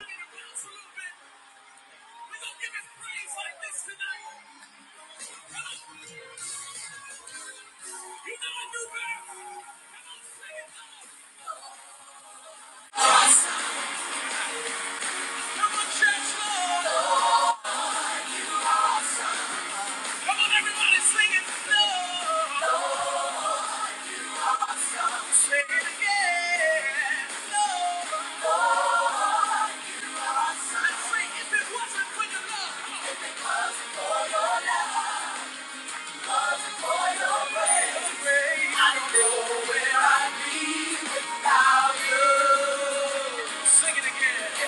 I don't know where I'd be without you. Sing it again.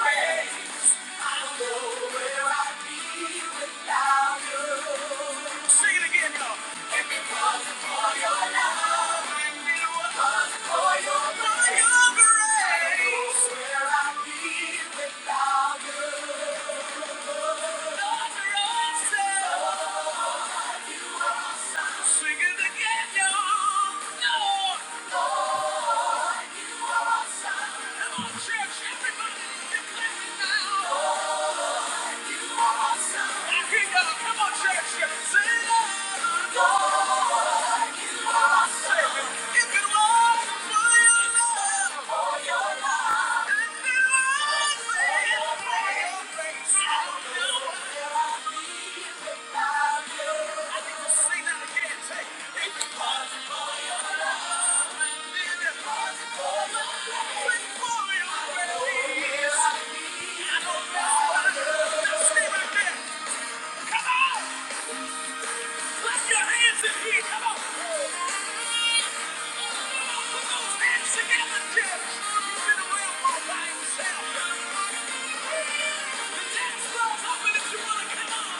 Thank you. Sing it again, y'all. If it wasn't for your love, if it wasn't for your for your grace, where I'd be without you. Lord, you're awesome. Sing it again, y'all. Lord, you are awesome. Come on, church, everybody, declare it now. I'd Thank you. Come on! Clap your hands in here! Come on! put those hands together, church! You've been around all by yourself. The dance floor's open if you wanna come on!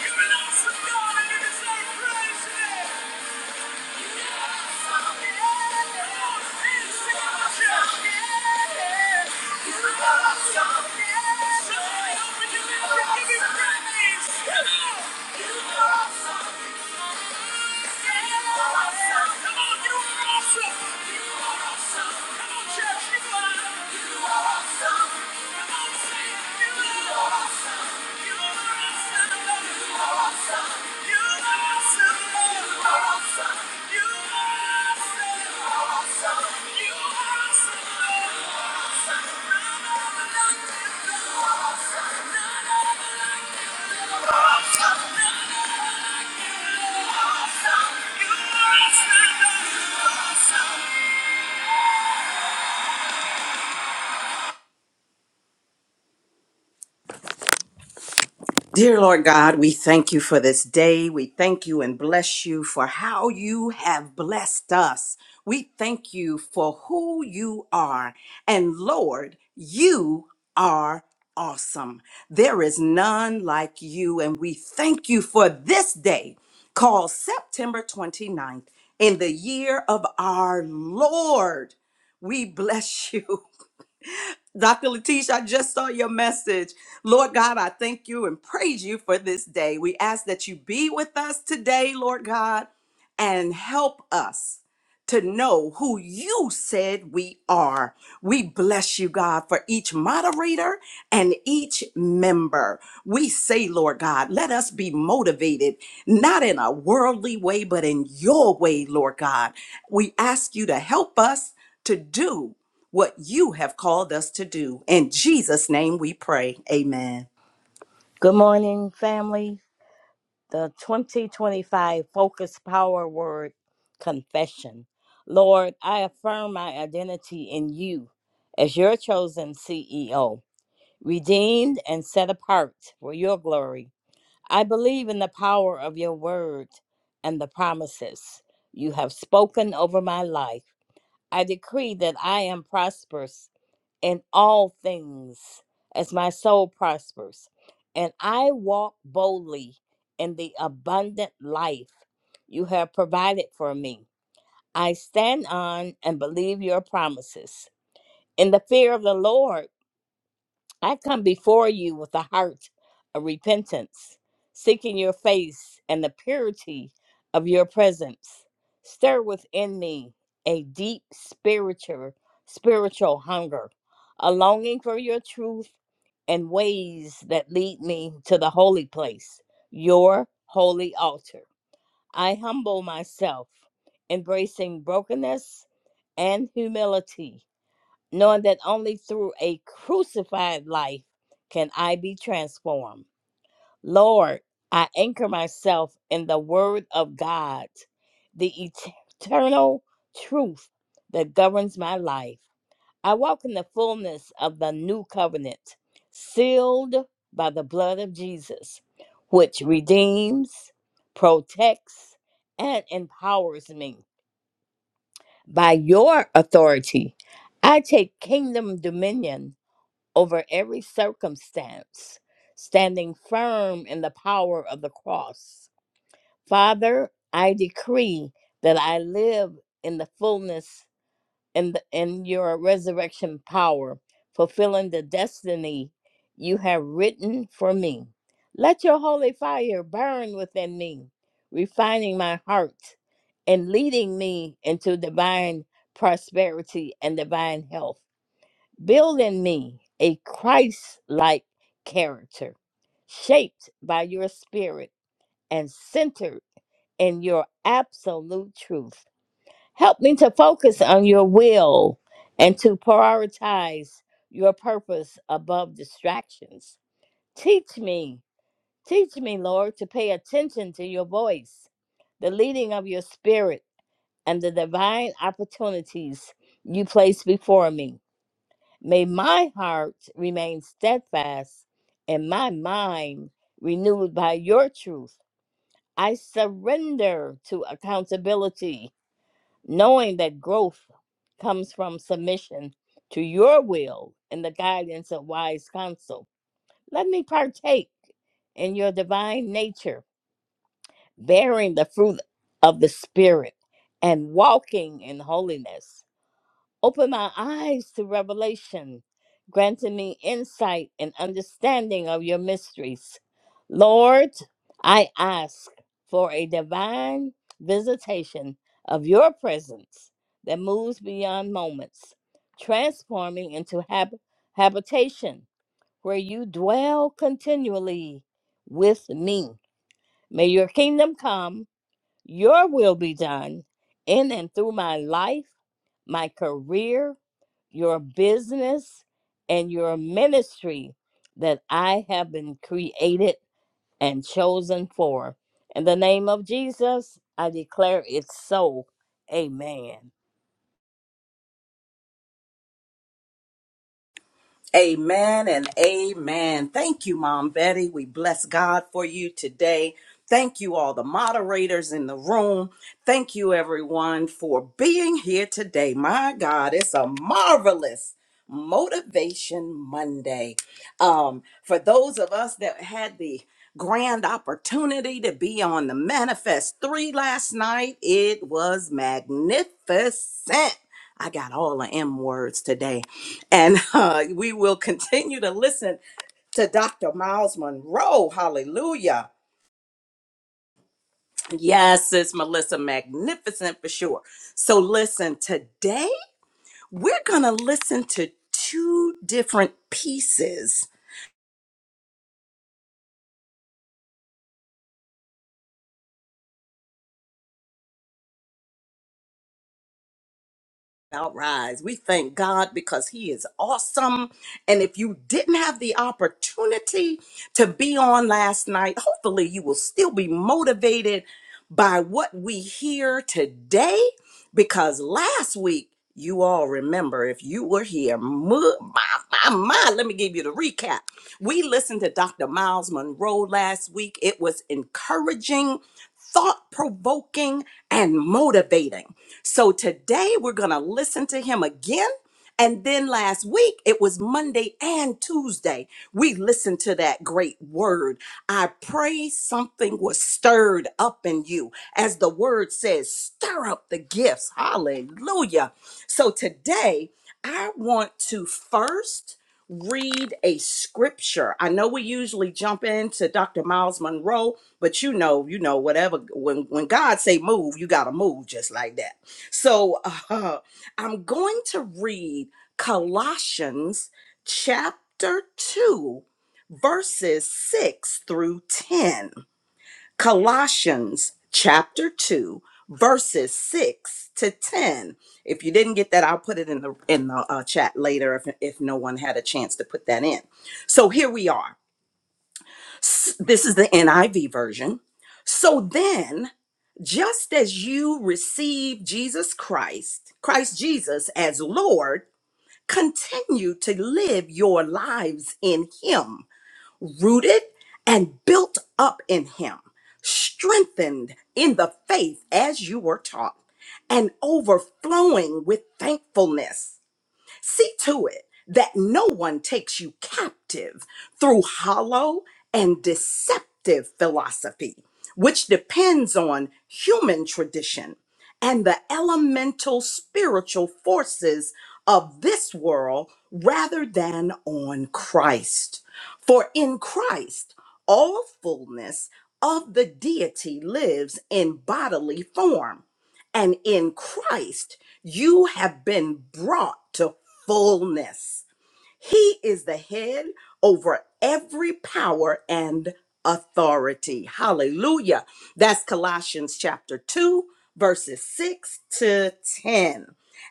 You've been awesome, God, and you deserve praise today! You You are are awesome. Come Come on, on, Awesome. You are Awesome. Dear Lord God, we thank you for this day. We thank you and bless you for how you have blessed us. We thank you for who you are. And Lord, you are awesome. There is none like you. And we thank you for this day called September 29th in the year of our Lord. We bless you Dr. Letitia, I just saw your message. Lord God, I thank you and praise you for this day. We ask that you be with us today, Lord God, and help us to know who you said we are. We bless you, God, for each moderator and each member. We say, Lord God, let us be motivated, not in a worldly way, but in your way, Lord God. We ask you to help us to do what you have called us to do. In Jesus' name we pray. Amen. Good morning, family. The 2025 Focus Power Word Confession. Lord, I affirm my identity in you as your chosen CEO, redeemed and set apart for your glory. I believe in the power of your word and the promises you have spoken over my life. I decree that I am prosperous in all things as my soul prospers. And I walk boldly in the abundant life you have provided for me. I stand on and believe your promises. In the fear of the Lord, I come before you with a heart of repentance, seeking your face and the purity of your presence. Stir within me a deep spiritual spiritual hunger, a longing for your truth and ways that lead me to the holy place, your holy altar. I humble myself, embracing brokenness and humility knowing that only through a crucified life can I be transformed. Lord, I anchor myself in the Word of God, the et- eternal truth that governs my life. I walk in the fullness of the new covenant, sealed by the blood of Jesus, which redeems, protects, and empowers me. By your authority, I take kingdom dominion over every circumstance, standing firm in the power of the cross. Father, I decree that I live in the fullness in, the, in your resurrection power, fulfilling the destiny you have written for me. Let your holy fire burn within me, refining my heart and leading me into divine prosperity and divine health. Build in me a Christ like character, shaped by your spirit and centered in your absolute truth. Help me to focus on your will and to prioritize your purpose above distractions. Teach me, teach me, Lord, to pay attention to your voice, the leading of your spirit, and the divine opportunities you place before me. May my heart remain steadfast and my mind renewed by your truth. I surrender to accountability, knowing that growth comes from submission to your will and the guidance of wise counsel. Let me partake in your divine nature, bearing the fruit of the Spirit and walking in holiness. Open my eyes to revelation, granting me insight and understanding of your mysteries. Lord, I ask for a divine visitation of your presence that moves beyond moments, transforming into hab- habitation where you dwell continually with me. May your kingdom come, your will be done in and through my life, my career, your business and your ministry that I have been created and chosen for. In the name of Jesus, I declare it so. Amen. Amen and amen. Thank you, Mom Betty. We bless God for you today. Thank you, all the moderators in the room. Thank you, everyone, for being here today. My God, it's a marvelous Motivation Monday. Um, for those of us that had the grand opportunity to be on the Manifest 3 last night. It was magnificent. I got all the M words today. And uh, we will continue to listen to Dr. Miles Monroe. Hallelujah. Yes, it's Melissa Magnificent for sure. So, listen, today we're going to listen to two different pieces Now rise. We thank God because He is awesome. And if you didn't have the opportunity to be on last night, hopefully you will still be motivated by what we hear today because last week, you all remember if you were here, mu- my, my, my, let me give you the recap. We listened to Dr. Miles Monroe last week. It was encouraging, thought provoking, and motivating. So today we're going to listen to him again. And then last week, it was Monday and Tuesday. We listened to that great word. I pray something was stirred up in you. As the word says, stir up the gifts. Hallelujah. So today, I want to first read a scripture. I know we usually jump into Dr. Miles Monroe, but you know, you know, whatever when when God say move, you gotta move just like that. So uh, I'm going to read Colossians chapter 2, verses 6 through 10. Colossians chapter 2 verses 6 to 10 if you didn't get that i'll put it in the in the uh, chat later if if no one had a chance to put that in so here we are S- This is the NIV version. So then, just as you receive Jesus Christ, Christ Jesus as Lord, continue to live your lives in Him, rooted and built up in Him, strengthened in the faith as you were taught, and overflowing with thankfulness. See to it that no one takes you captive through hollow and deceptive philosophy, which depends on human tradition and the elemental spiritual forces of this world rather than on Christ. For in Christ, all fullness of the deity lives in bodily form and in Christ, you have been brought to fullness. He is the head over every power and authority. Hallelujah. That's Colossians chapter 2, verses 6 to 10.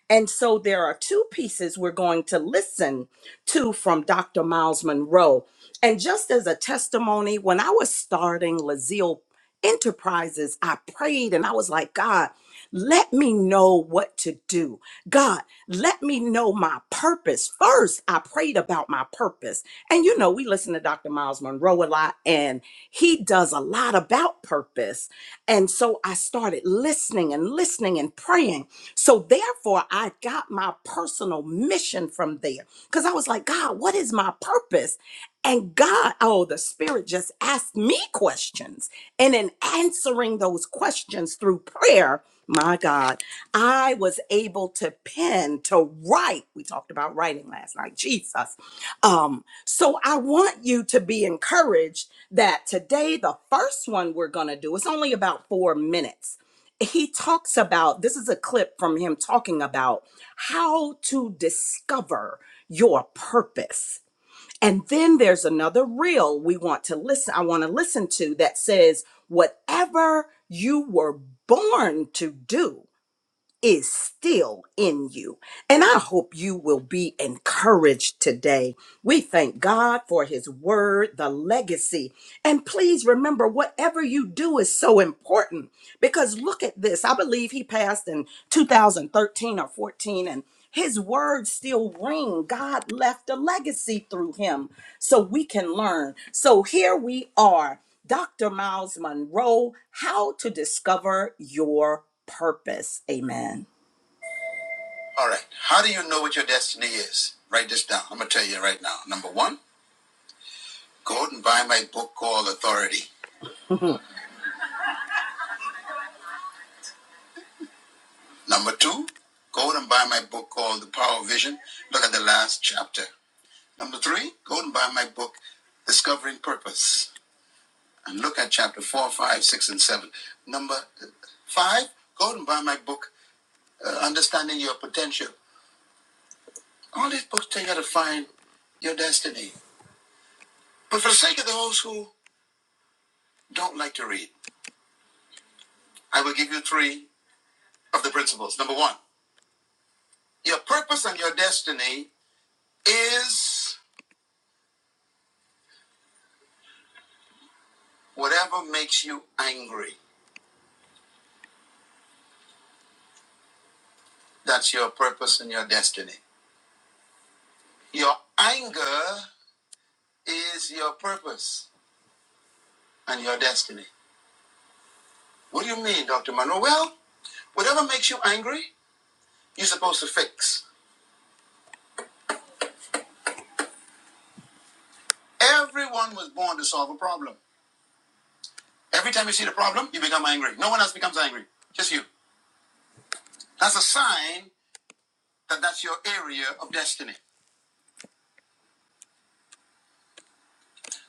And so there are two pieces we're going to listen to from Dr. Miles Monroe. And just as a testimony, when I was starting Lazille Enterprises, I prayed and I was like, God, let me know what to do. God, let me know my purpose. First, I prayed about my purpose. And you know, we listen to Dr. Miles Monroe a lot, and he does a lot about purpose. And so I started listening and listening and praying. So therefore, I got my personal mission from there because I was like, God, what is my purpose? And God, oh, the Spirit just asked me questions. And in answering those questions through prayer, my God, I was able to pen, to write. We talked about writing last night, Jesus. Um, so I want you to be encouraged that today, the first one we're going to do, it's only about four minutes. He talks about this is a clip from him talking about how to discover your purpose and then there's another reel we want to listen, I want to listen to that says, whatever you were born to do is still in you. And I hope you will be encouraged today. We thank God for his word, the legacy. And please remember, whatever you do is so important because look at this. I believe he passed in 2013 or 14 and his words still ring. God left a legacy through him so we can learn. So here we are. Dr. Miles Monroe, How to Discover Your Purpose. Amen. All right. How do you know what your destiny is? Write this down. I'm going to tell you right now. Number one, go out and buy my book called Authority. Number two, go out and buy my book called The Power of Vision. Look at the last chapter. Number three, go out and buy my book, Discovering Purpose. And look at chapter four, five, six, and seven. Number five, go out and buy my book, uh, Understanding Your Potential. All these books tell you how to find your destiny. But for the sake of those who don't like to read, I will give you three of the principles. Number one, your purpose and your destiny is whatever makes you angry. That's your purpose and your destiny. Your anger is your purpose and your destiny. What do you mean, Dr. Monroe? Well, whatever makes you angry, you're supposed to fix. Everyone was born to solve a problem. Every time you see the problem, you become angry. No one else becomes angry, just you. That's a sign that that's your area of destiny.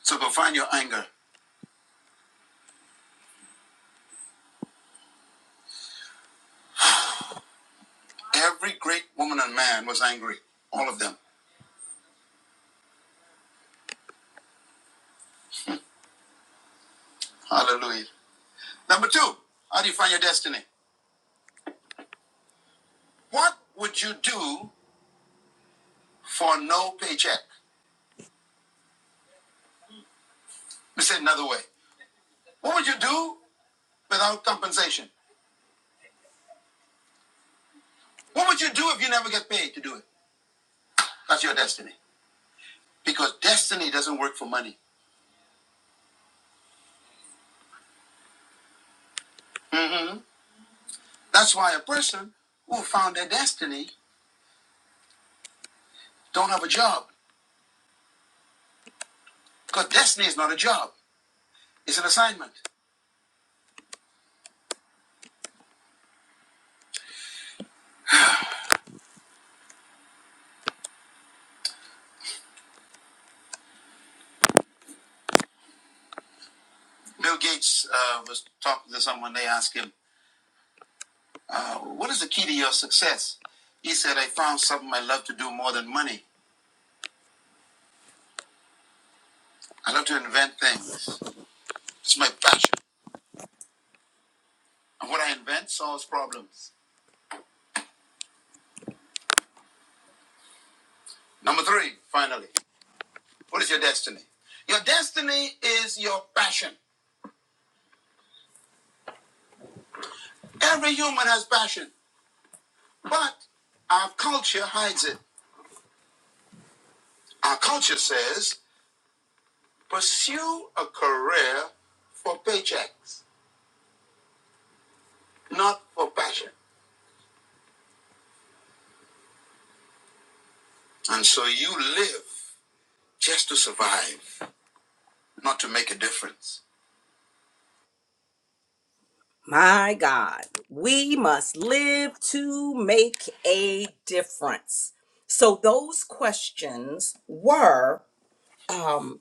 So go find your anger. Every great woman and man was angry, all of them. Hallelujah. Number two, how do you find your destiny? What would you do for no paycheck? Let me say it another way. What would you do without compensation? What would you do if you never get paid to do it? That's your destiny. Because destiny doesn't work for money. That's why a person who found their destiny don't have a job because destiny is not a job; it's an assignment. Bill Gates uh, was talking to someone. They asked him, uh, "What is the key to your success?" He said, "I found something I love to do more than money. I love to invent things. It's my passion, and what I invent solves problems." Number three, finally, what is your destiny? Your destiny is your passion. Every human has passion, but our culture hides it. Our culture says Pursue a career for paychecks, not for passion. And so you live just to survive, not to make a difference. My God, we must live to make a difference. So those questions were um,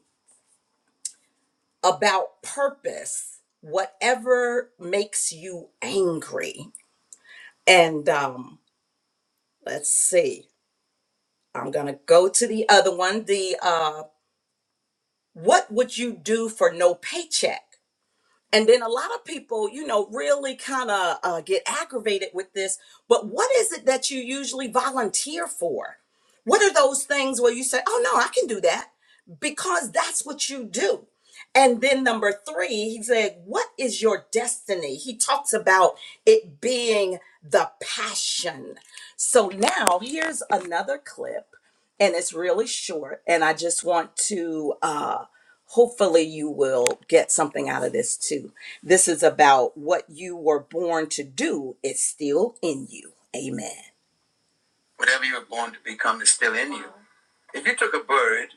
about purpose, whatever makes you angry. And um, let's see, I'm going to go to the other one. The uh, what would you do for no paycheck? And then a lot of people, you know, really kind of uh, get aggravated with this. But what is it that you usually volunteer for? What are those things where you say, oh, no, I can do that because that's what you do? And then number three, he said, What is your destiny? He talks about it being the passion. So now here's another clip, and it's really short, and I just want to. Uh, hopefully you will get something out of this too. This is about what you were born to do is still in you. Amen. Whatever you were born to become is still in you. If you took a bird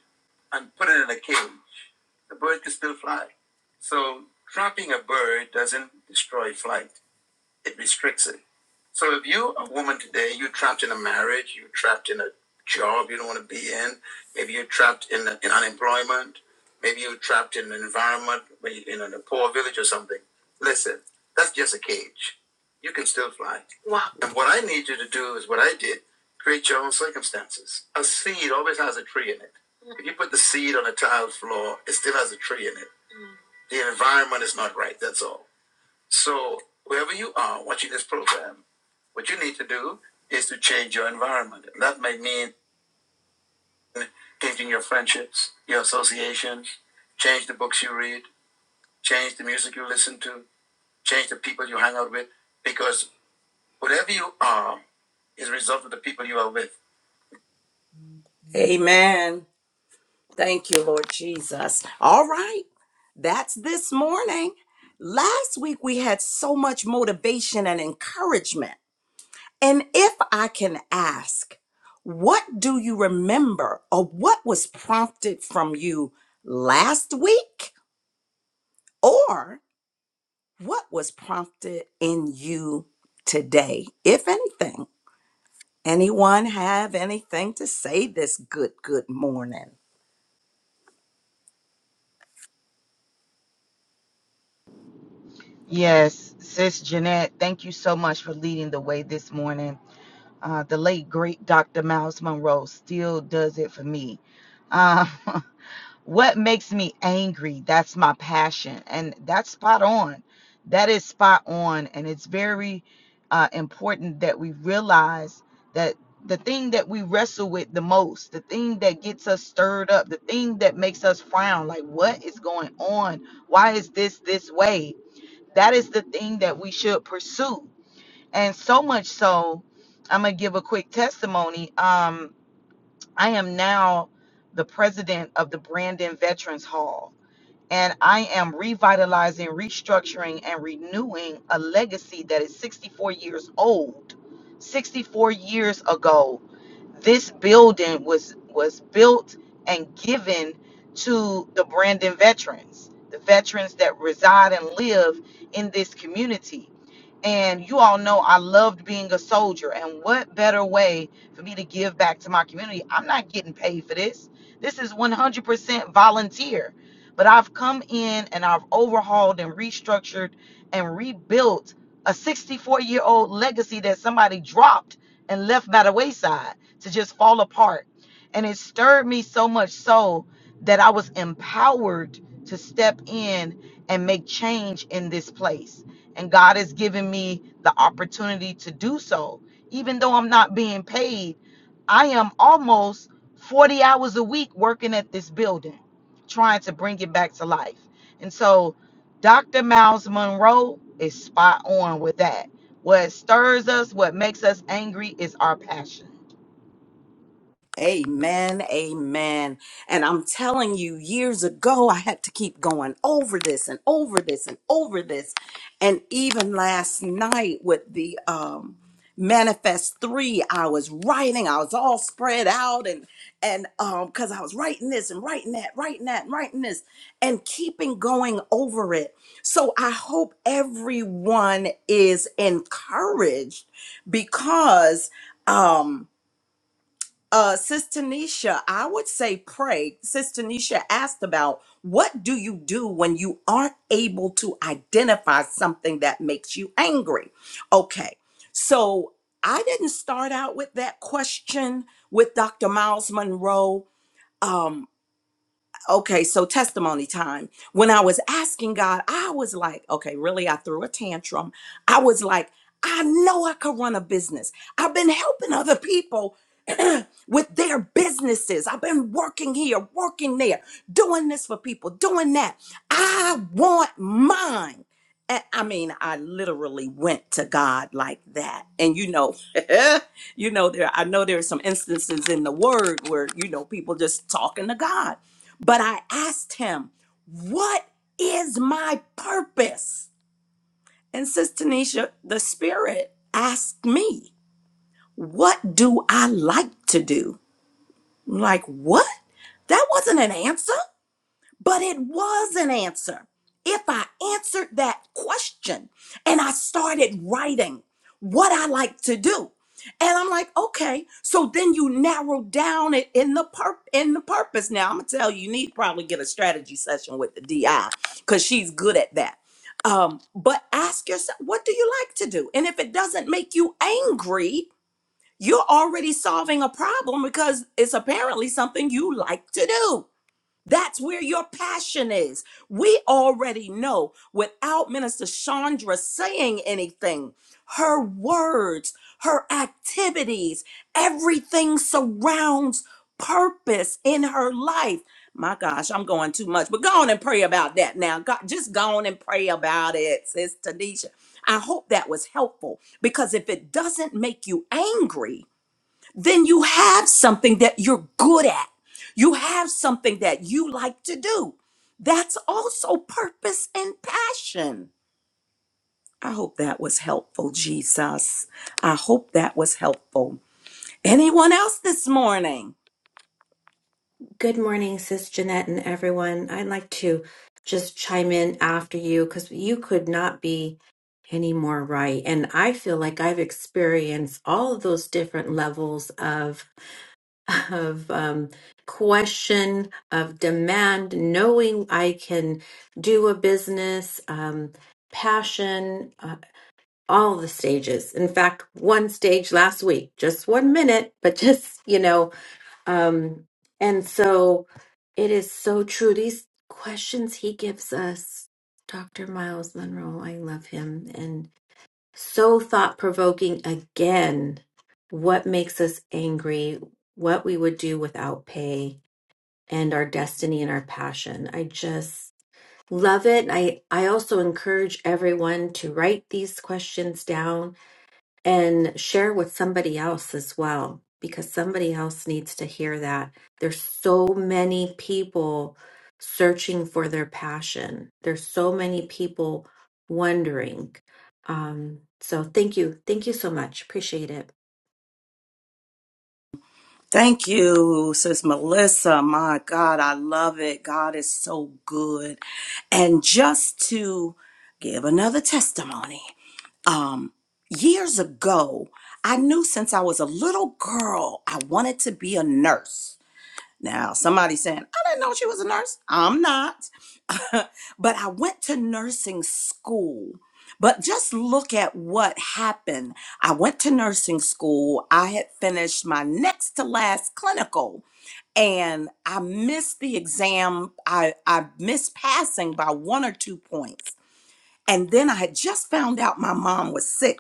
and put it in a cage, the bird could still fly. So trapping a bird doesn't destroy flight. If you're trapped in one poor village or something, like or environment is not right, that's all. So wherever you are watching this program, what you need to do is to change your environment. And That may mean changing your friendships, your associations, change the books you read, change the music you listen to, change the people you hang out with, because whatever you are is a result of the people you are with. Amen. Thank you, Lord Jesus. All right. That's this morning. Last week we had so much motivation and encouragement. And if I can ask, what do you remember or what was prompted from you last week? or What was prompted in you today, if anything? Anyone have anything to say this good, good morning? Yes, Sis Jeanette, thank you so much for leading the way this morning. Uh, the late, great Dr. Miles Monroe still does it for me. Uh, what makes me angry? That's my passion. And that's spot on. That is spot on. And it's very uh, important that we realize that the thing that we wrestle with the most, the thing that gets us stirred up, the thing that makes us frown like, what is going on? Why is this this way? that is the thing that we should pursue and so much so i'm gonna give a quick testimony um i am now the president of the brandon veterans hall and I am revitalizing, restructuring, and renewing a legacy that is 64 years old. 64 years ago, this building was was built and given to the Brandon veterans, the veterans that reside and live in this community. And you all know I loved being a soldier. And what better way for me to give back to my community? I'm not getting paid for this. This is 100% volunteer but I've come in and I've overhauled and restructured and rebuilt a 64 year old legacy that somebody dropped and left by the wayside to just fall apart. And it stirred me so much so that I was empowered to step in and make change in this place. And God has given me the opportunity to do so. Even though I'm not being paid, I am almost 40 hours a week working at this building trying to bring it back to life. And so Dr. Miles Monroe is spot on with that. What stirs us, what makes us angry is our passion. Amen, amen. And I'm telling you, years ago, I had to keep going over this and over this and over this. And even last night with the um, manifest three, I was writing, I was all spread out and and um because I was writing this and writing that, writing that, and writing this, and keeping going over it. So I hope everyone is encouraged because um uh, Sister Nisha, I would say pray. Sister Nisha asked about what do you do when you aren't able to identify something that makes you angry? Okay, so I didn't start out with that question with Dr. Miles Monroe. Um, okay, so testimony time. When I was asking God, I was like, okay, really, I threw a tantrum. I was like, I know I could run a business. I've been helping other people with their businesses. I've been working here, working there, doing this for people, doing that. I want mine. And I mean, I literally went to God like that. And you know, you know, there I know there are some instances in the word where, you know, people just talking to God. But I asked him, What is my purpose? And Sis Tanisha, the Spirit asked me, What do I like to do? I'm like, what? That wasn't an answer. But it was an answer. If I answered that question and I started writing what I like to do, and I'm like, okay, so then you narrow down it in the pur- in the purpose. Now I'm gonna tell you, you need to probably get a strategy session with the DI because she's good at that. Um, but ask yourself, what do you like to do? And if it doesn't make you angry, you're already solving a problem because it's apparently something you like to do. That's where your passion is. We already know without Minister Chandra saying anything, her words, her activities, everything surrounds purpose in her life. My gosh, I'm going too much, but go on and pray about that now. God, just go on and pray about it, Sis Tanisha. I hope that was helpful because if it doesn't make you angry, then you have something that you're good at. You have something that you like to do. That's also purpose and passion. I hope that was helpful, Jesus. I hope that was helpful. Anyone else this morning? Good morning, Sis Jeanette and everyone. I'd like to just chime in after you because you could not be any more right. And I feel like I've experienced all of those different levels of of um, question, of demand, knowing I can do a business, um, passion, uh, all the stages. In fact, one stage last week, just one minute, but just you know um, and so it is so true. These questions he gives us, Dr. Miles Monroe, I love him, and so thought provoking again. What makes us angry? What we would do without pay and our destiny and our passion. I just love it. I, I also encourage everyone to write these questions down and share with somebody else as well because somebody else needs to hear that there's so many people searching for their passion there's so many people wondering um so thank you thank you so much appreciate it Thank you, Sis Melissa. My God, I love it. God is so good. And just to give another testimony, um years ago i knew since i was a little girl i wanted to be a nurse now somebody saying i didn't know she was a nurse i'm not but i went to nursing school but just look at what happened i went to nursing school i had finished my next to last clinical and i missed the exam i i missed passing by one or two points and then i had just found out my mom was sick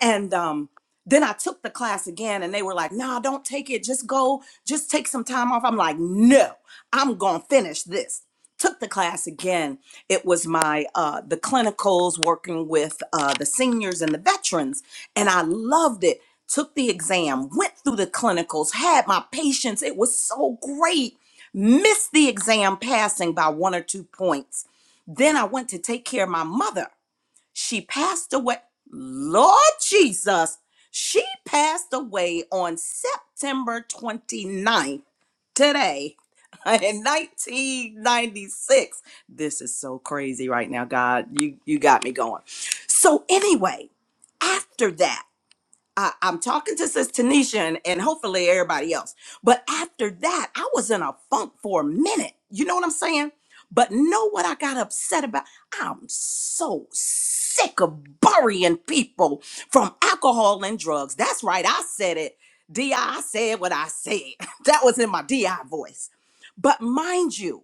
and um, then I took the class again, and they were like, nah, don't take it. Just go, just take some time off. I'm like, no, I'm going to finish this. Took the class again. It was my, uh, the clinicals working with uh, the seniors and the veterans, and I loved it. Took the exam, went through the clinicals, had my patients. It was so great. Missed the exam passing by one or two points. Then I went to take care of my mother. She passed away. Lord Jesus, she passed away on September 29th, today, in 1996. This is so crazy right now, God. You, you got me going. So, anyway, after that. I, I'm talking to Sis Tanisha and, and hopefully everybody else. But after that, I was in a funk for a minute. You know what I'm saying? But know what I got upset about? I'm so sick of burying people from alcohol and drugs. That's right. I said it. DI, said what I said. That was in my DI voice. But mind you,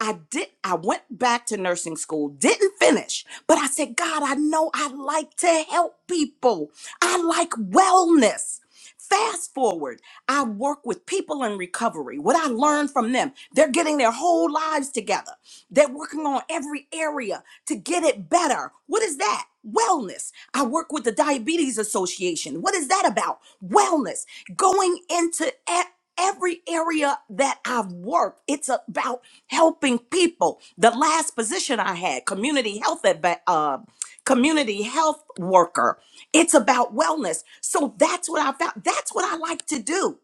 I did I went back to nursing school, didn't finish, but I said, God, I know I like to help people. I like wellness. Fast forward, I work with people in recovery. What I learned from them, they're getting their whole lives together. They're working on every area to get it better. What is that? Wellness. I work with the Diabetes Association. What is that about? Wellness. Going into e- every area that I've worked, it's about helping people. The last position I had, community health adva- uh, community health worker. It's about wellness. So that's what I found. That's what I like to do.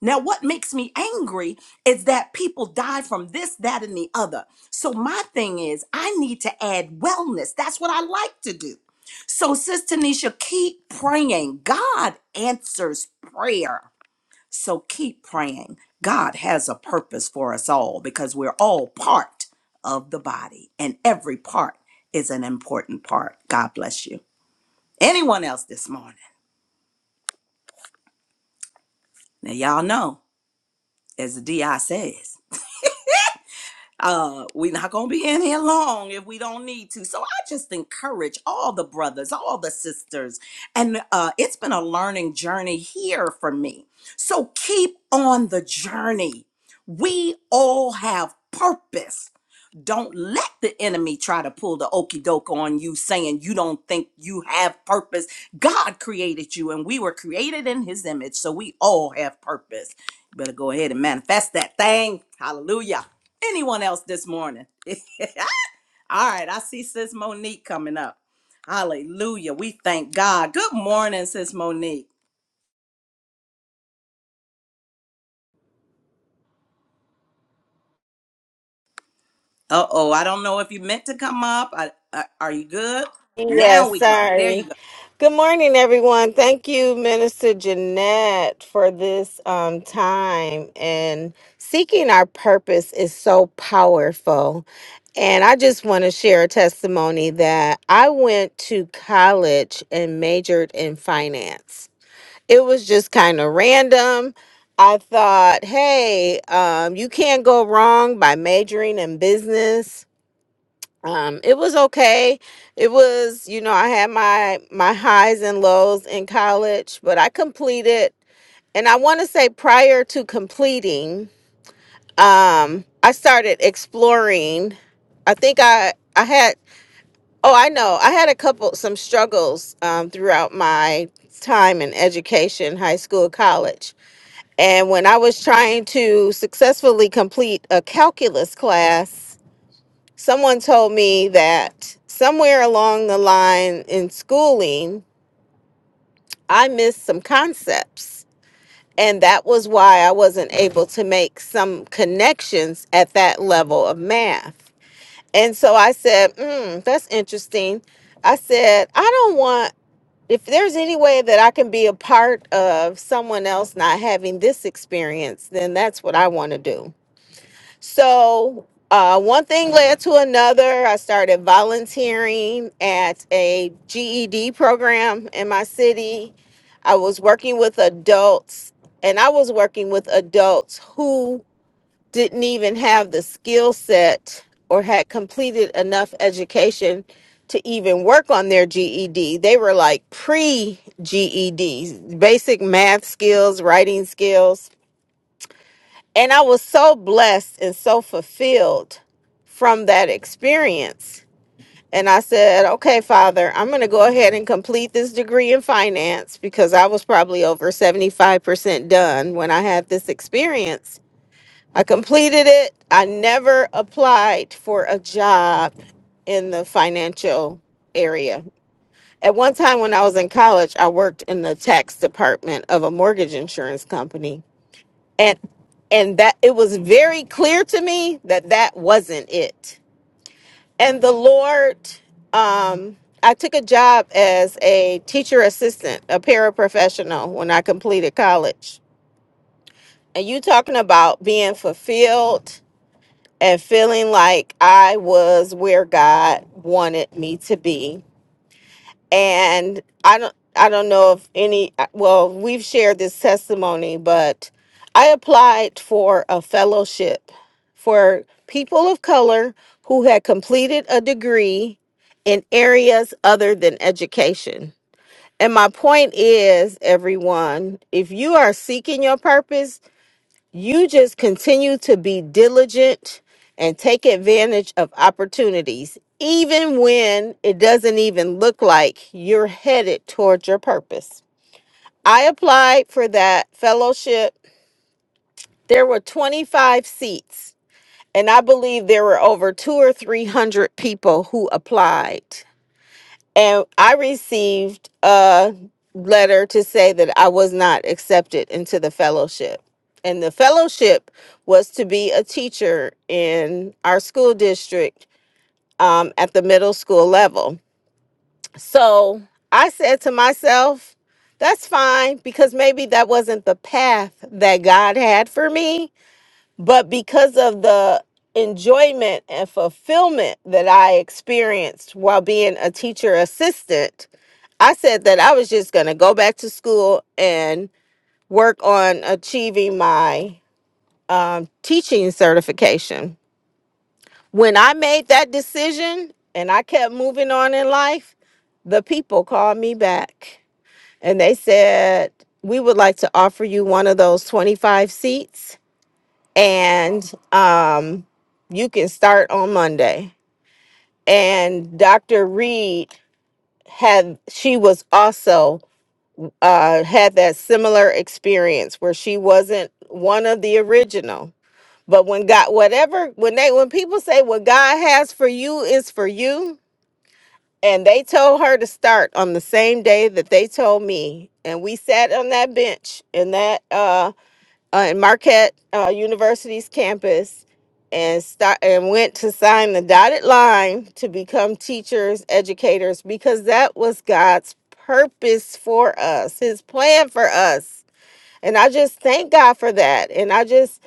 Now, what makes me angry is that people die from this, that, and the other. So, my thing is, I need to add wellness. That's what I like to do. So, Sister Nisha, keep praying. God answers prayer. So, keep praying. God has a purpose for us all because we're all part of the body, and every part is an important part. God bless you. Anyone else this morning? Now, y'all know, as the DI says, uh we're not gonna be in here long if we don't need to so i just encourage all the brothers all the sisters and uh it's been a learning journey here for me so keep on the journey we all have purpose don't let the enemy try to pull the okey doke on you saying you don't think you have purpose. God created you and we were created in his image, so we all have purpose. You better go ahead and manifest that thing. Hallelujah. Anyone else this morning? all right, I see Sis Monique coming up. Hallelujah. We thank God. Good morning, Sis Monique. Uh oh, I don't know if you meant to come up. I, I, are you good? Now Yes, we go. There you sorry. go. Good morning, everyone. Thank you, Minister Jeanette, for this um, time. And seeking our purpose is so powerful. And I just want to share a testimony that I went to college and majored in finance. It was just kind of random. I thought, hey, um, you can't go wrong by majoring in business um it was okay it was you know i had my my highs and lows in college but i completed and i want to say prior to completing um i started exploring i think i i had oh i know i had a couple some struggles um throughout my time in education high school college and when i was trying to successfully complete a calculus class someone told me that somewhere along the line in schooling, I missed some concepts. And that was why I wasn't able to make some connections at that level of math. And so I said, mm, that's interesting. I said, I don't want, if there's any way that I can be a part of someone else not having this experience, then that's what I want to do. So uh, one thing led to another. I started volunteering at a GED program in my city. I was working with adults, and I was working with adults who didn't even have the skill set or had completed enough education to even work on their GED. They were like pre GEDs, basic math skills, writing skills and I was so blessed and so fulfilled from that experience. And I said, okay, Father, I'm going to go ahead and complete this degree in finance because I was probably over 75% done when I had this experience. I completed it. I never applied for a job in the financial area. At one time when I was in college, I worked in the tax department of a mortgage insurance company and and that it was very clear to me that that wasn't it and the lord um i took a job as a teacher assistant a paraprofessional when i completed college and you talking about being fulfilled and feeling like i was where god wanted me to be and I don't I don't know if any uh, well we've shared this testimony but I applied for a fellowship for people of color who had completed a degree in areas other than education. And my point is everyone, if you are seeking your purpose, you just continue to be diligent and take advantage of opportunities, even when it doesn't even look like you're headed towards your purpose. I applied for that fellowship. There were 25 seats, and I believe there were over two or 300 people who applied and I received a letter to say that I was not accepted into the fellowship. And the fellowship was to be a teacher in our school district um, at the middle school level. So I said to myself, that's fine because maybe that wasn't the path that God had for me but because of the enjoyment and fulfillment that I experienced while being a teacher assistant, I said that I was just going to go back to school and work on achieving my um, teaching certification. When I made that decision and I kept moving on in life, the people called me back and they said, We would like to offer you one of those 25 seats and um, you can start on Monday. And Dr. Reed had she was also uh, had that similar experience where she wasn't one of the original. But when God, whatever, when they when people say what God has for you is for you, and they told her to start on the same day that they told me, and we sat on that bench in that uh uh, in Marquette uh, University's campus and start and went to sign the dotted line to become teachers, educators, because that was God's purpose for us, His plan for us. And I just thank God for that. And I just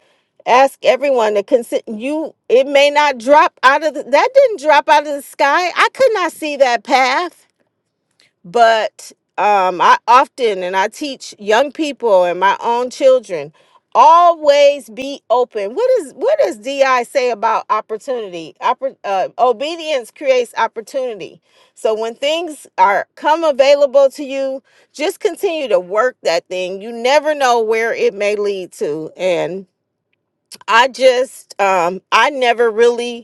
ask everyone to consider you. It may not drop out of the, that didn't drop out of the sky. I could not see that path but um, I often and I teach young people and my own children always be open. What is what does Di say about opportunity? Oppor- uh, obedience creates opportunity. So when things are come available to you, just continue to work that thing. You never know where it may lead to, and I just um, I never really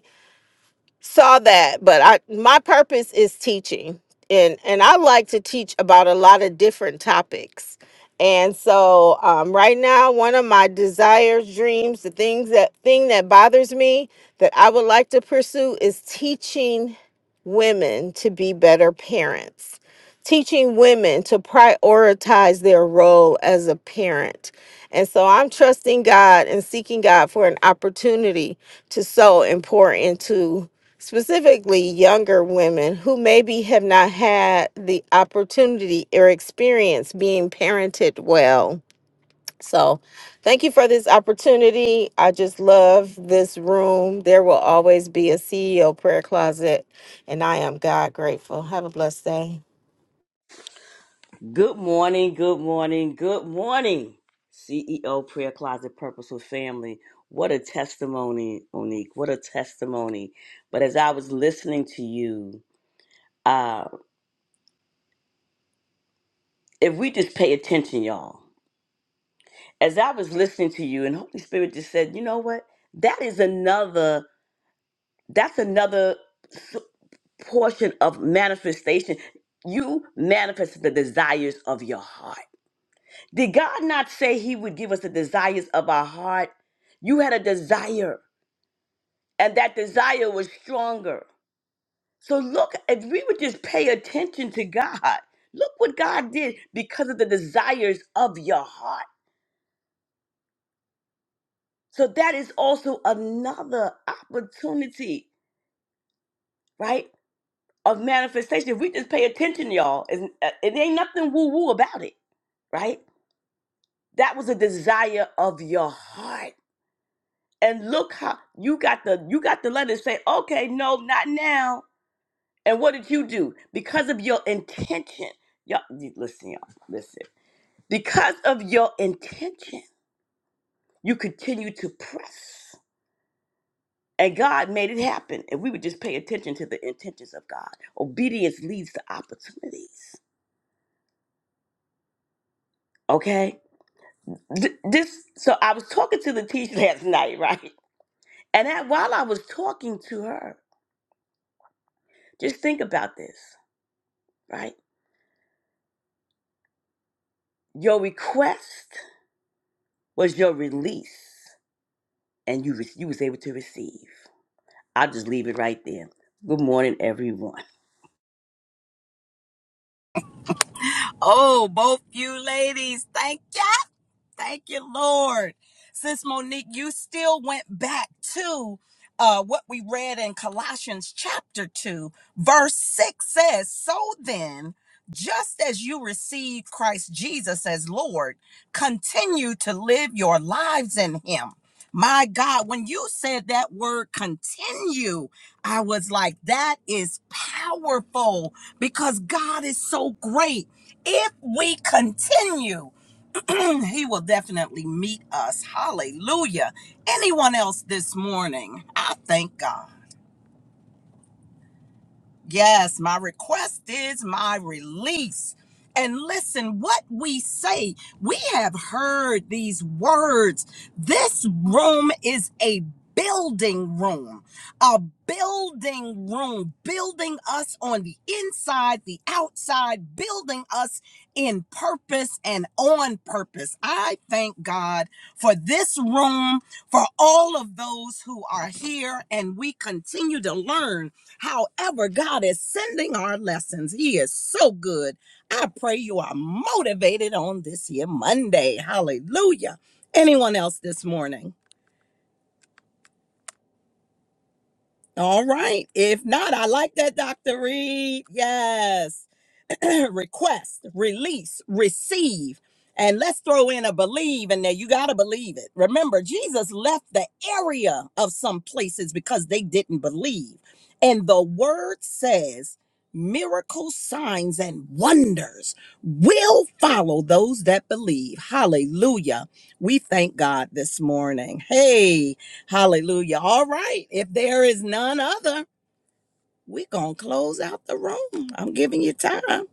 saw that but i my purpose is teaching and and i like to teach about a lot of different topics and so um, right now one of my desires dreams the things that thing that bothers me that i would like to pursue is teaching women to be better parents teaching women to prioritize their role as a parent and so i'm trusting god and seeking god for an opportunity to sow and pour into specifically younger women who maybe have not had the opportunity or experience being parented well. So, thank you for this opportunity. I just love this room. There will always be a CEO prayer closet, and I am God grateful. Have a blessed day. Good morning, good morning, good morning, CEO Prayer Closet Purposeful Family. What a testimony, Onique. What a testimony. But as I was listening to you, uh, if we just pay attention, y'all, as I was listening to you, and Holy Spirit just said, you know what? That is another, that's another s- portion of manifestation. You manifested the desires of your heart Did God not say He would give us the desires of our heart? You had a desire, and that desire was stronger. So, look, if we would just pay attention to God, look what God did because of the desires of your heart. So, that is also another opportunity, right, of manifestation. If we just pay attention, y'all, it, it ain't nothing woo woo about it, right? That was a desire of your heart. and look how you got the you got the letter say okay no not now and what did you do because of your intention y'all you- listen y'all listen because of your intention you continue to press and god made it happen if we would just pay attention to the intentions of god obedience leads to opportunities okay Th- this so i was talking to the teacher last night right and that while i was talking to her just think about this right your request was your release, and you re- you was able to receive. I'll just leave it right there. Good morning, everyone. Oh, both you ladies. Thank you. Thank you, Lord. Sis Monique, you still went back to uh, what we read in Colossians chapter 2, verse 6 says, So then, just as you received Christ Jesus as Lord, continue to live your lives in Him. My God, when you said that word continue, I was like, that is powerful because God is so great if we continue, he will definitely meet us. Hallelujah. Anyone else this morning? I thank God. Yes, my request is my release. And listen, what we say, we have heard these words. This room is a building room, a building room, building us on the inside, the outside, building us in purpose and on purpose. I thank God for this room, for all of those who are here, and we continue to learn. However, God is sending our lessons. He is so good. I pray you are motivated on this here Monday. Hallelujah. Anyone else this morning? All right. If not, I like that, Dr. Reed. Yes. request, release, receive. And let's throw in a believe in there. You got to believe it. Remember, Jesus left the area of some places because they didn't believe. And the word says, miracles, signs, and wonders will follow those that believe. Hallelujah. We thank God this morning. Hey, hallelujah. All right. If there is none other, we're going to close out the room. I'm giving you time.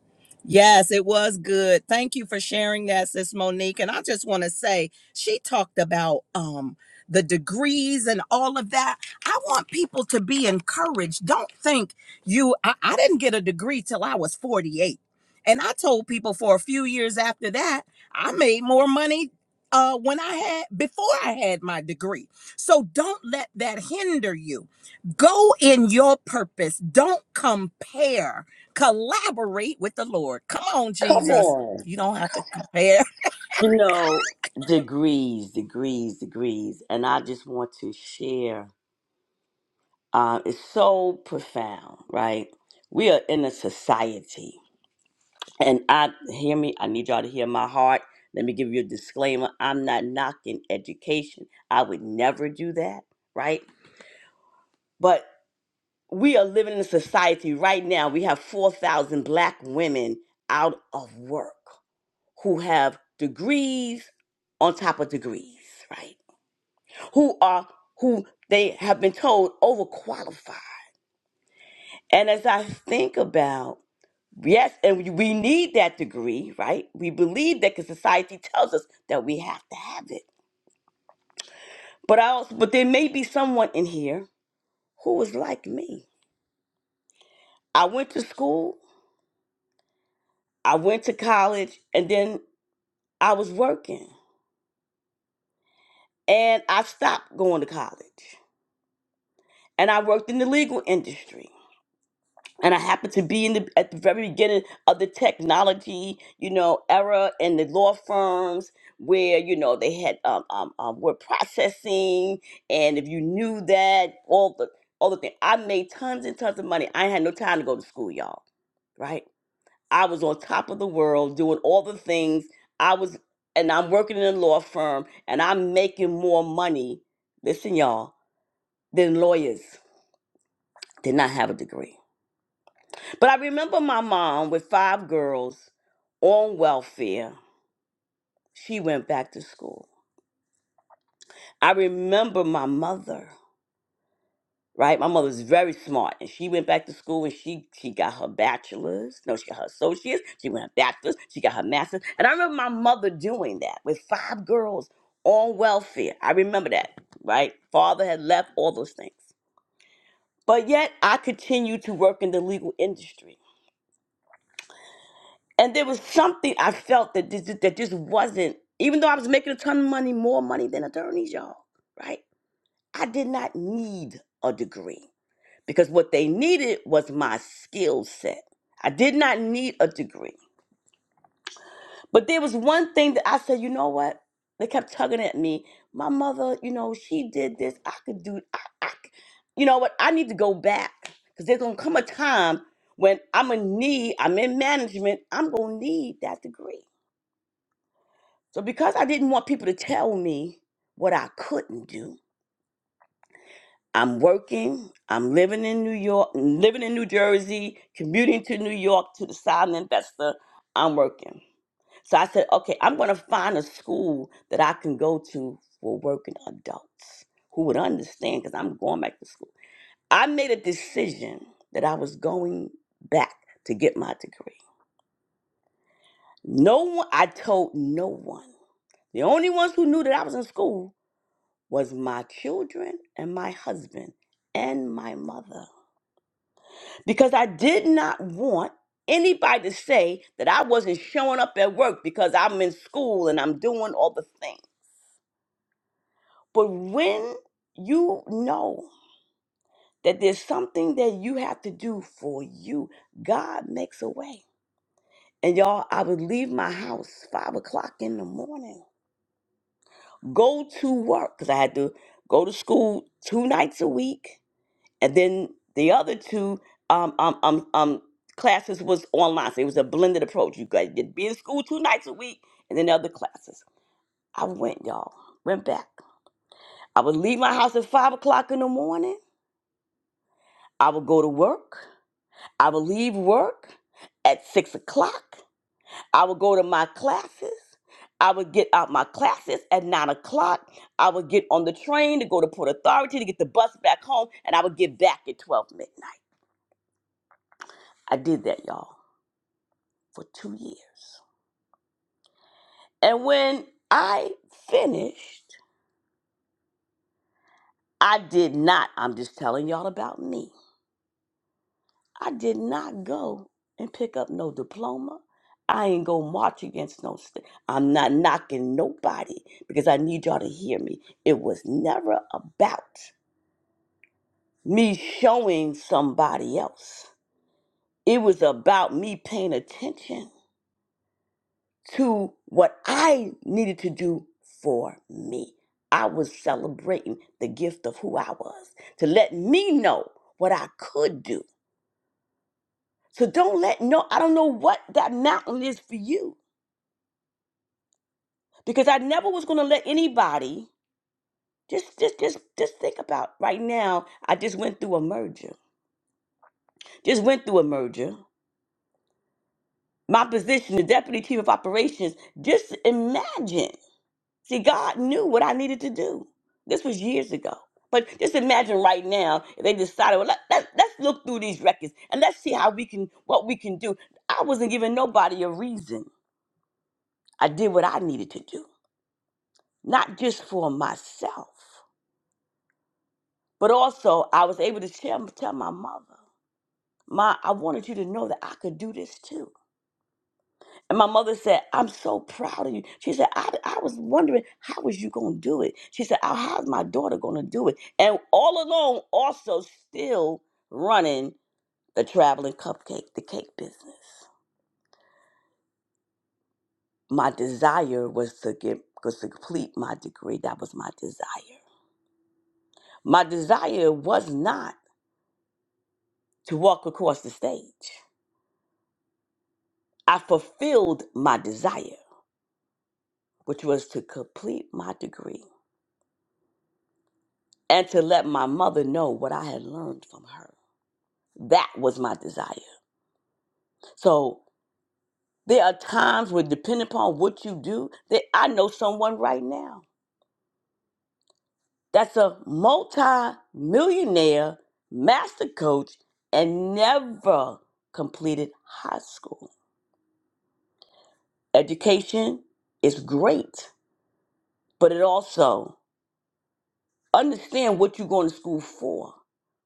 Yes, it was good. Thank you for sharing that, Sis Monique. And I just want to say, she talked about um the degrees and all of that. I want people to be encouraged. Don't think you I, I didn't get a degree till I was 48. And I told people for a few years after that, I made more money uh when I had before I had my degree. So don't let that hinder you. Go in your purpose. Don't compare. Collaborate with the Lord. Come on, Come Jesus. on, You don't have to compare you know degrees, degrees, degrees, and I just want to share. Uh, it's so profound, right? We are in a society, and I hear me. I need y'all to hear my heart. Let me give you a disclaimer. I'm not knocking education. I would never do that, right? But. we are living in a society right now. We have 4,000 black women out of work who have degrees on top of degrees, right? Who are, who they have been told overqualified. And as I think about, yes, and we we need that degree, right? We believe that because society tells us that we have to have it. But I also, but there may be someone in here who was like me. I went to school, I went to college, and then I was working and I stopped going to college and I worked in the legal industry. And I happened to be in the at the very beginning of the technology, you know, era in the law firms where you know they had um, um, um word processing, and if you knew that, all the all the thing. I made tons and tons of money. I had no time to go to school, y'all. Right? I was on top of the world doing all the things. I was, and I'm working in a law firm and I'm making more money, listen, y'all, than lawyers did not have a degree. But I remember my mom with five girls on welfare. She went back to school. I remember my mother. right? My mother was very smart, and she went back to school and she she got her bachelor's. No, she got her associates. She went her bachelor's. She got her master's. And I remember my mother doing that with five girls on welfare. I remember that, right? Father had left all those things, but yet I continued to work in the legal industry, and there was something I felt that this that this wasn't. Even though I was making a ton of money, more money than attorneys, y'all, right? I did not need a degree. because what they needed was my skill set. I did not need a degree. But there was one thing that I said, you know what? They kept tugging at me. My mother, you know, she did this. I could do, I, I c- you know what? I need to go back because there's going to come a time when I'm going to need, I'm in management, I'm going to need that degree. So because I didn't want people to tell me what I couldn't do, I'm working. I'm living in New York, living in New Jersey, commuting to New York to the silent investor. I'm working. So I said, okay, I'm going to find a school that I can go to for working adults who would understand because I'm going back to school. I made a decision that I was going back to get my degree. No one, I told no one. The only ones who knew that I was in school was my children and my husband and my mother. because I did not want anybody to say that I wasn't showing up at work because I'm in school and I'm doing all the things. But when you know that there's something that you have to do for you, God makes a way. And y'all, I would leave my house five o'clock in the morning, go to work because I had to go to school two nights a week and then the other two um um um um classes was online. So it was a blended approach. You guys did be in school two nights a week, and then the other classes. I went, y'all. Went back. I would leave my house at five o'clock in the morning. I would go to work. I would leave work at six o'clock. I would go to my classes. I would get out my classes at nine o'clock. I would get on the train to go to Port Authority to get the bus back home, and I would get back at twelve midnight. I did that, y'all. for two years. And when I finished, I did not, I'm just telling y'all about me, I did not go and pick up no diploma. I ain't go march against no state. I'm not knocking nobody because I need y'all to hear me. It was never about me showing somebody else. It was about me paying attention to what I needed to do for me. I was celebrating the gift of who I was to let me know what I could do. So don't let no, I don't know what that mountain is for you because I never was going to let anybody. Just, just, just, just think about right now. I just went through a merger. Just went through a merger. My position, the deputy chief of operations. Just imagine. See, God knew what I needed to do. This was years ago. But just imagine right now if they decided, well, let, let, let's look through these records and let's see how we can, what we can do. I wasn't giving nobody a reason. I did what I needed to do, not just for myself, but also I was able to tell, tell my mother, Ma, I wanted you to know that I could do this too. And my mother said, I'm so proud of you. She said, I, I was wondering, how was you going to do it? She said, "Oh, how's my daughter going to do it? And all along, also still running the traveling cupcake, the cake business. My desire was to get was to complete my degree. That was my desire. My desire was not to walk across the stage. I fulfilled my desire, which was to complete my degree and to let my mother know what I had learned from her. That was my desire. So there are times where, depending upon what you do, that I know someone right now that's a multi-millionaire master coach and never completed high school. Education is great, but it also understand what you're going to school for,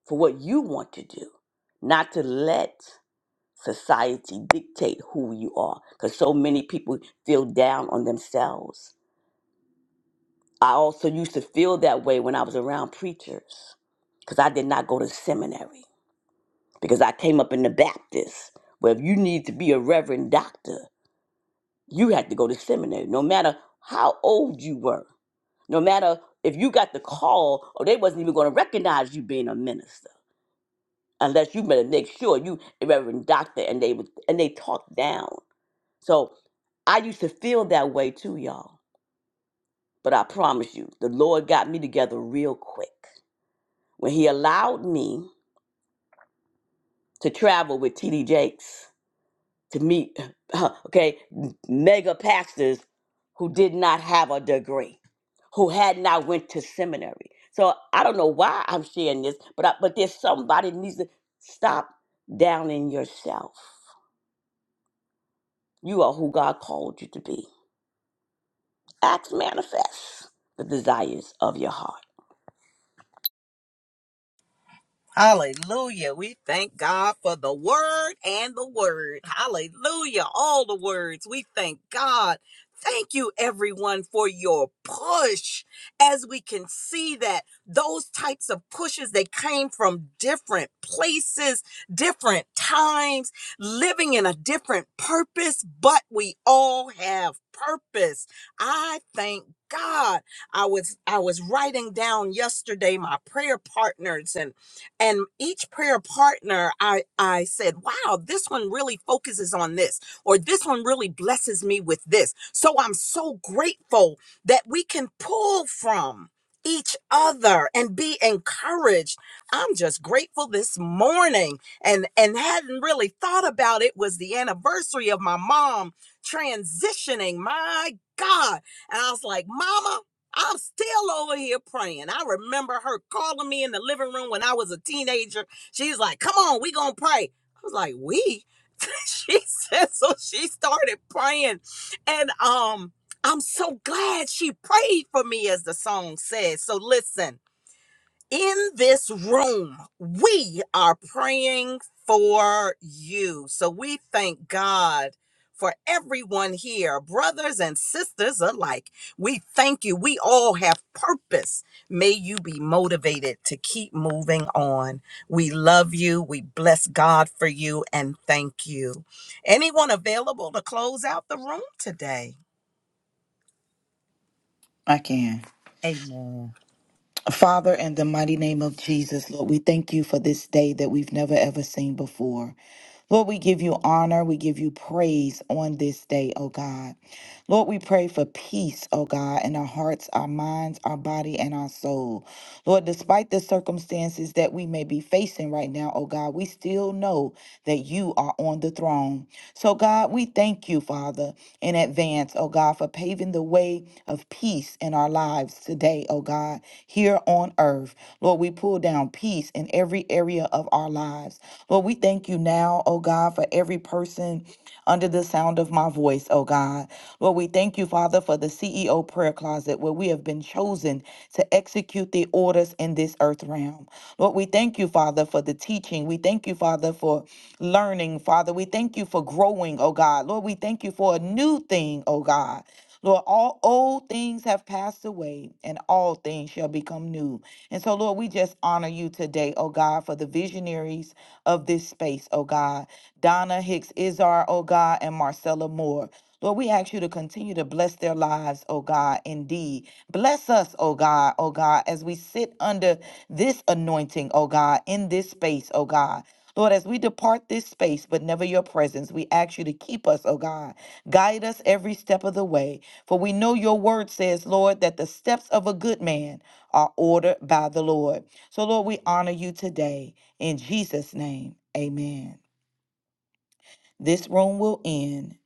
for what you want to do, not to let society dictate who you are, because so many people feel down on themselves I also used to feel that way when I was around preachers because I did not go to seminary because I came up in the Baptist where if you need to be a reverend doctor, you had to go to seminary no matter how old you were, no matter if you got the call or they wasn't even going to recognize you being a minister unless you better make sure you a reverend doctor and they would and they talked down. So I used to feel that way too, y'all. But I promise you, the Lord got me together real quick. when he allowed me to travel with TD Jakes to meet, okay, mega pastors who did not have a degree, who had not went to seminary. So I don't know why I'm sharing this, but I, but there's somebody needs to stop down in yourself. You are who God called you to be. Acts manifest the desires of your heart. Hallelujah. We thank God for the word and the word. Hallelujah. All the words. We thank God. Thank you, everyone, for your push. As we can see that those types of pushes, they came from different places, different times, living in a different purpose, but we all have purpose. I thank God. I was I was writing down yesterday my prayer partners and and each prayer partner i i said wow this one really focuses on this or this one really blesses me with this so i'm so grateful that we can pull from each other and be encouraged i'm just grateful this morning and and hadn't really thought about it was the anniversary of my mom transitioning my god and i was like mama I'm still over here praying. I remember her calling me in the living room when I was a teenager. She's like, "Come on, we gonna pray." I was like, "We." she said, so she started praying, and um, I'm so glad she prayed for me, as the song says. So listen in this room, we are praying for you. So we thank God for everyone here, brothers and sisters alike. We thank you. We all have purpose. May you be motivated to keep moving on. We love you. We bless God for you and thank you. Anyone available to close out the room today? I can. Amen. Father, Lord, we thank you for this day that we've never seen before. Lord, we give you this day, oh God. peace, oh God, in our hearts, our minds, our body, and our soul. Lord, despite the circumstances that we may be facing right now, oh God, we still know that you are on the throne. So, God, we thank you, Father, in advance, oh God, for paving the way of peace in our lives today, oh God, here on earth. Lord, we pull down peace in every area of our lives. Lord, we thank you now, oh God, for every person under the sound of my voice, oh God. Lord, we thank you, Father, for the CEO prayer closet where we have been chosen to execute the orders in this earth realm. Lord, we thank you, Father, for the teaching. We thank you, Father, for learning, Father. We thank you for growing, oh God. Lord, we thank you for a new thing, oh God. Lord, all old things have passed away and all things shall become new. And so, Lord, we just honor you today, oh God, for the visionaries of this space, oh God. Donna Hicks Izar, oh God, and Marcella Moore. Lord, we ask you to continue to bless their lives, oh God, indeed. Bless us, oh God, oh God, as we sit under this anointing, oh God, in this space, oh God. Lord, as we depart this space, but never your presence, we ask you to keep us, oh God. Guide us every step of the way. For we know your word says, Lord, that the steps of a good man are ordered by the Lord. So, Lord, we honor you today. In Jesus' name, amen. This room will end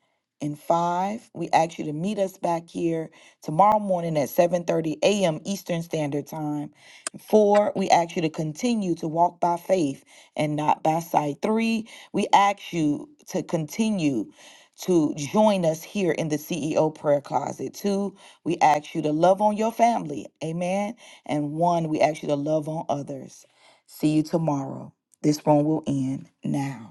in five. We ask you to meet us back here tomorrow morning at 7:30 a.m. Eastern Standard Time. Four, we ask you to continue to walk by faith and not by sight. Three, we ask you to continue to join us here in the CEO prayer closet. Two, we ask you to love on your family. Amen. And one, we ask you to love on others. See you tomorrow. This room will end now.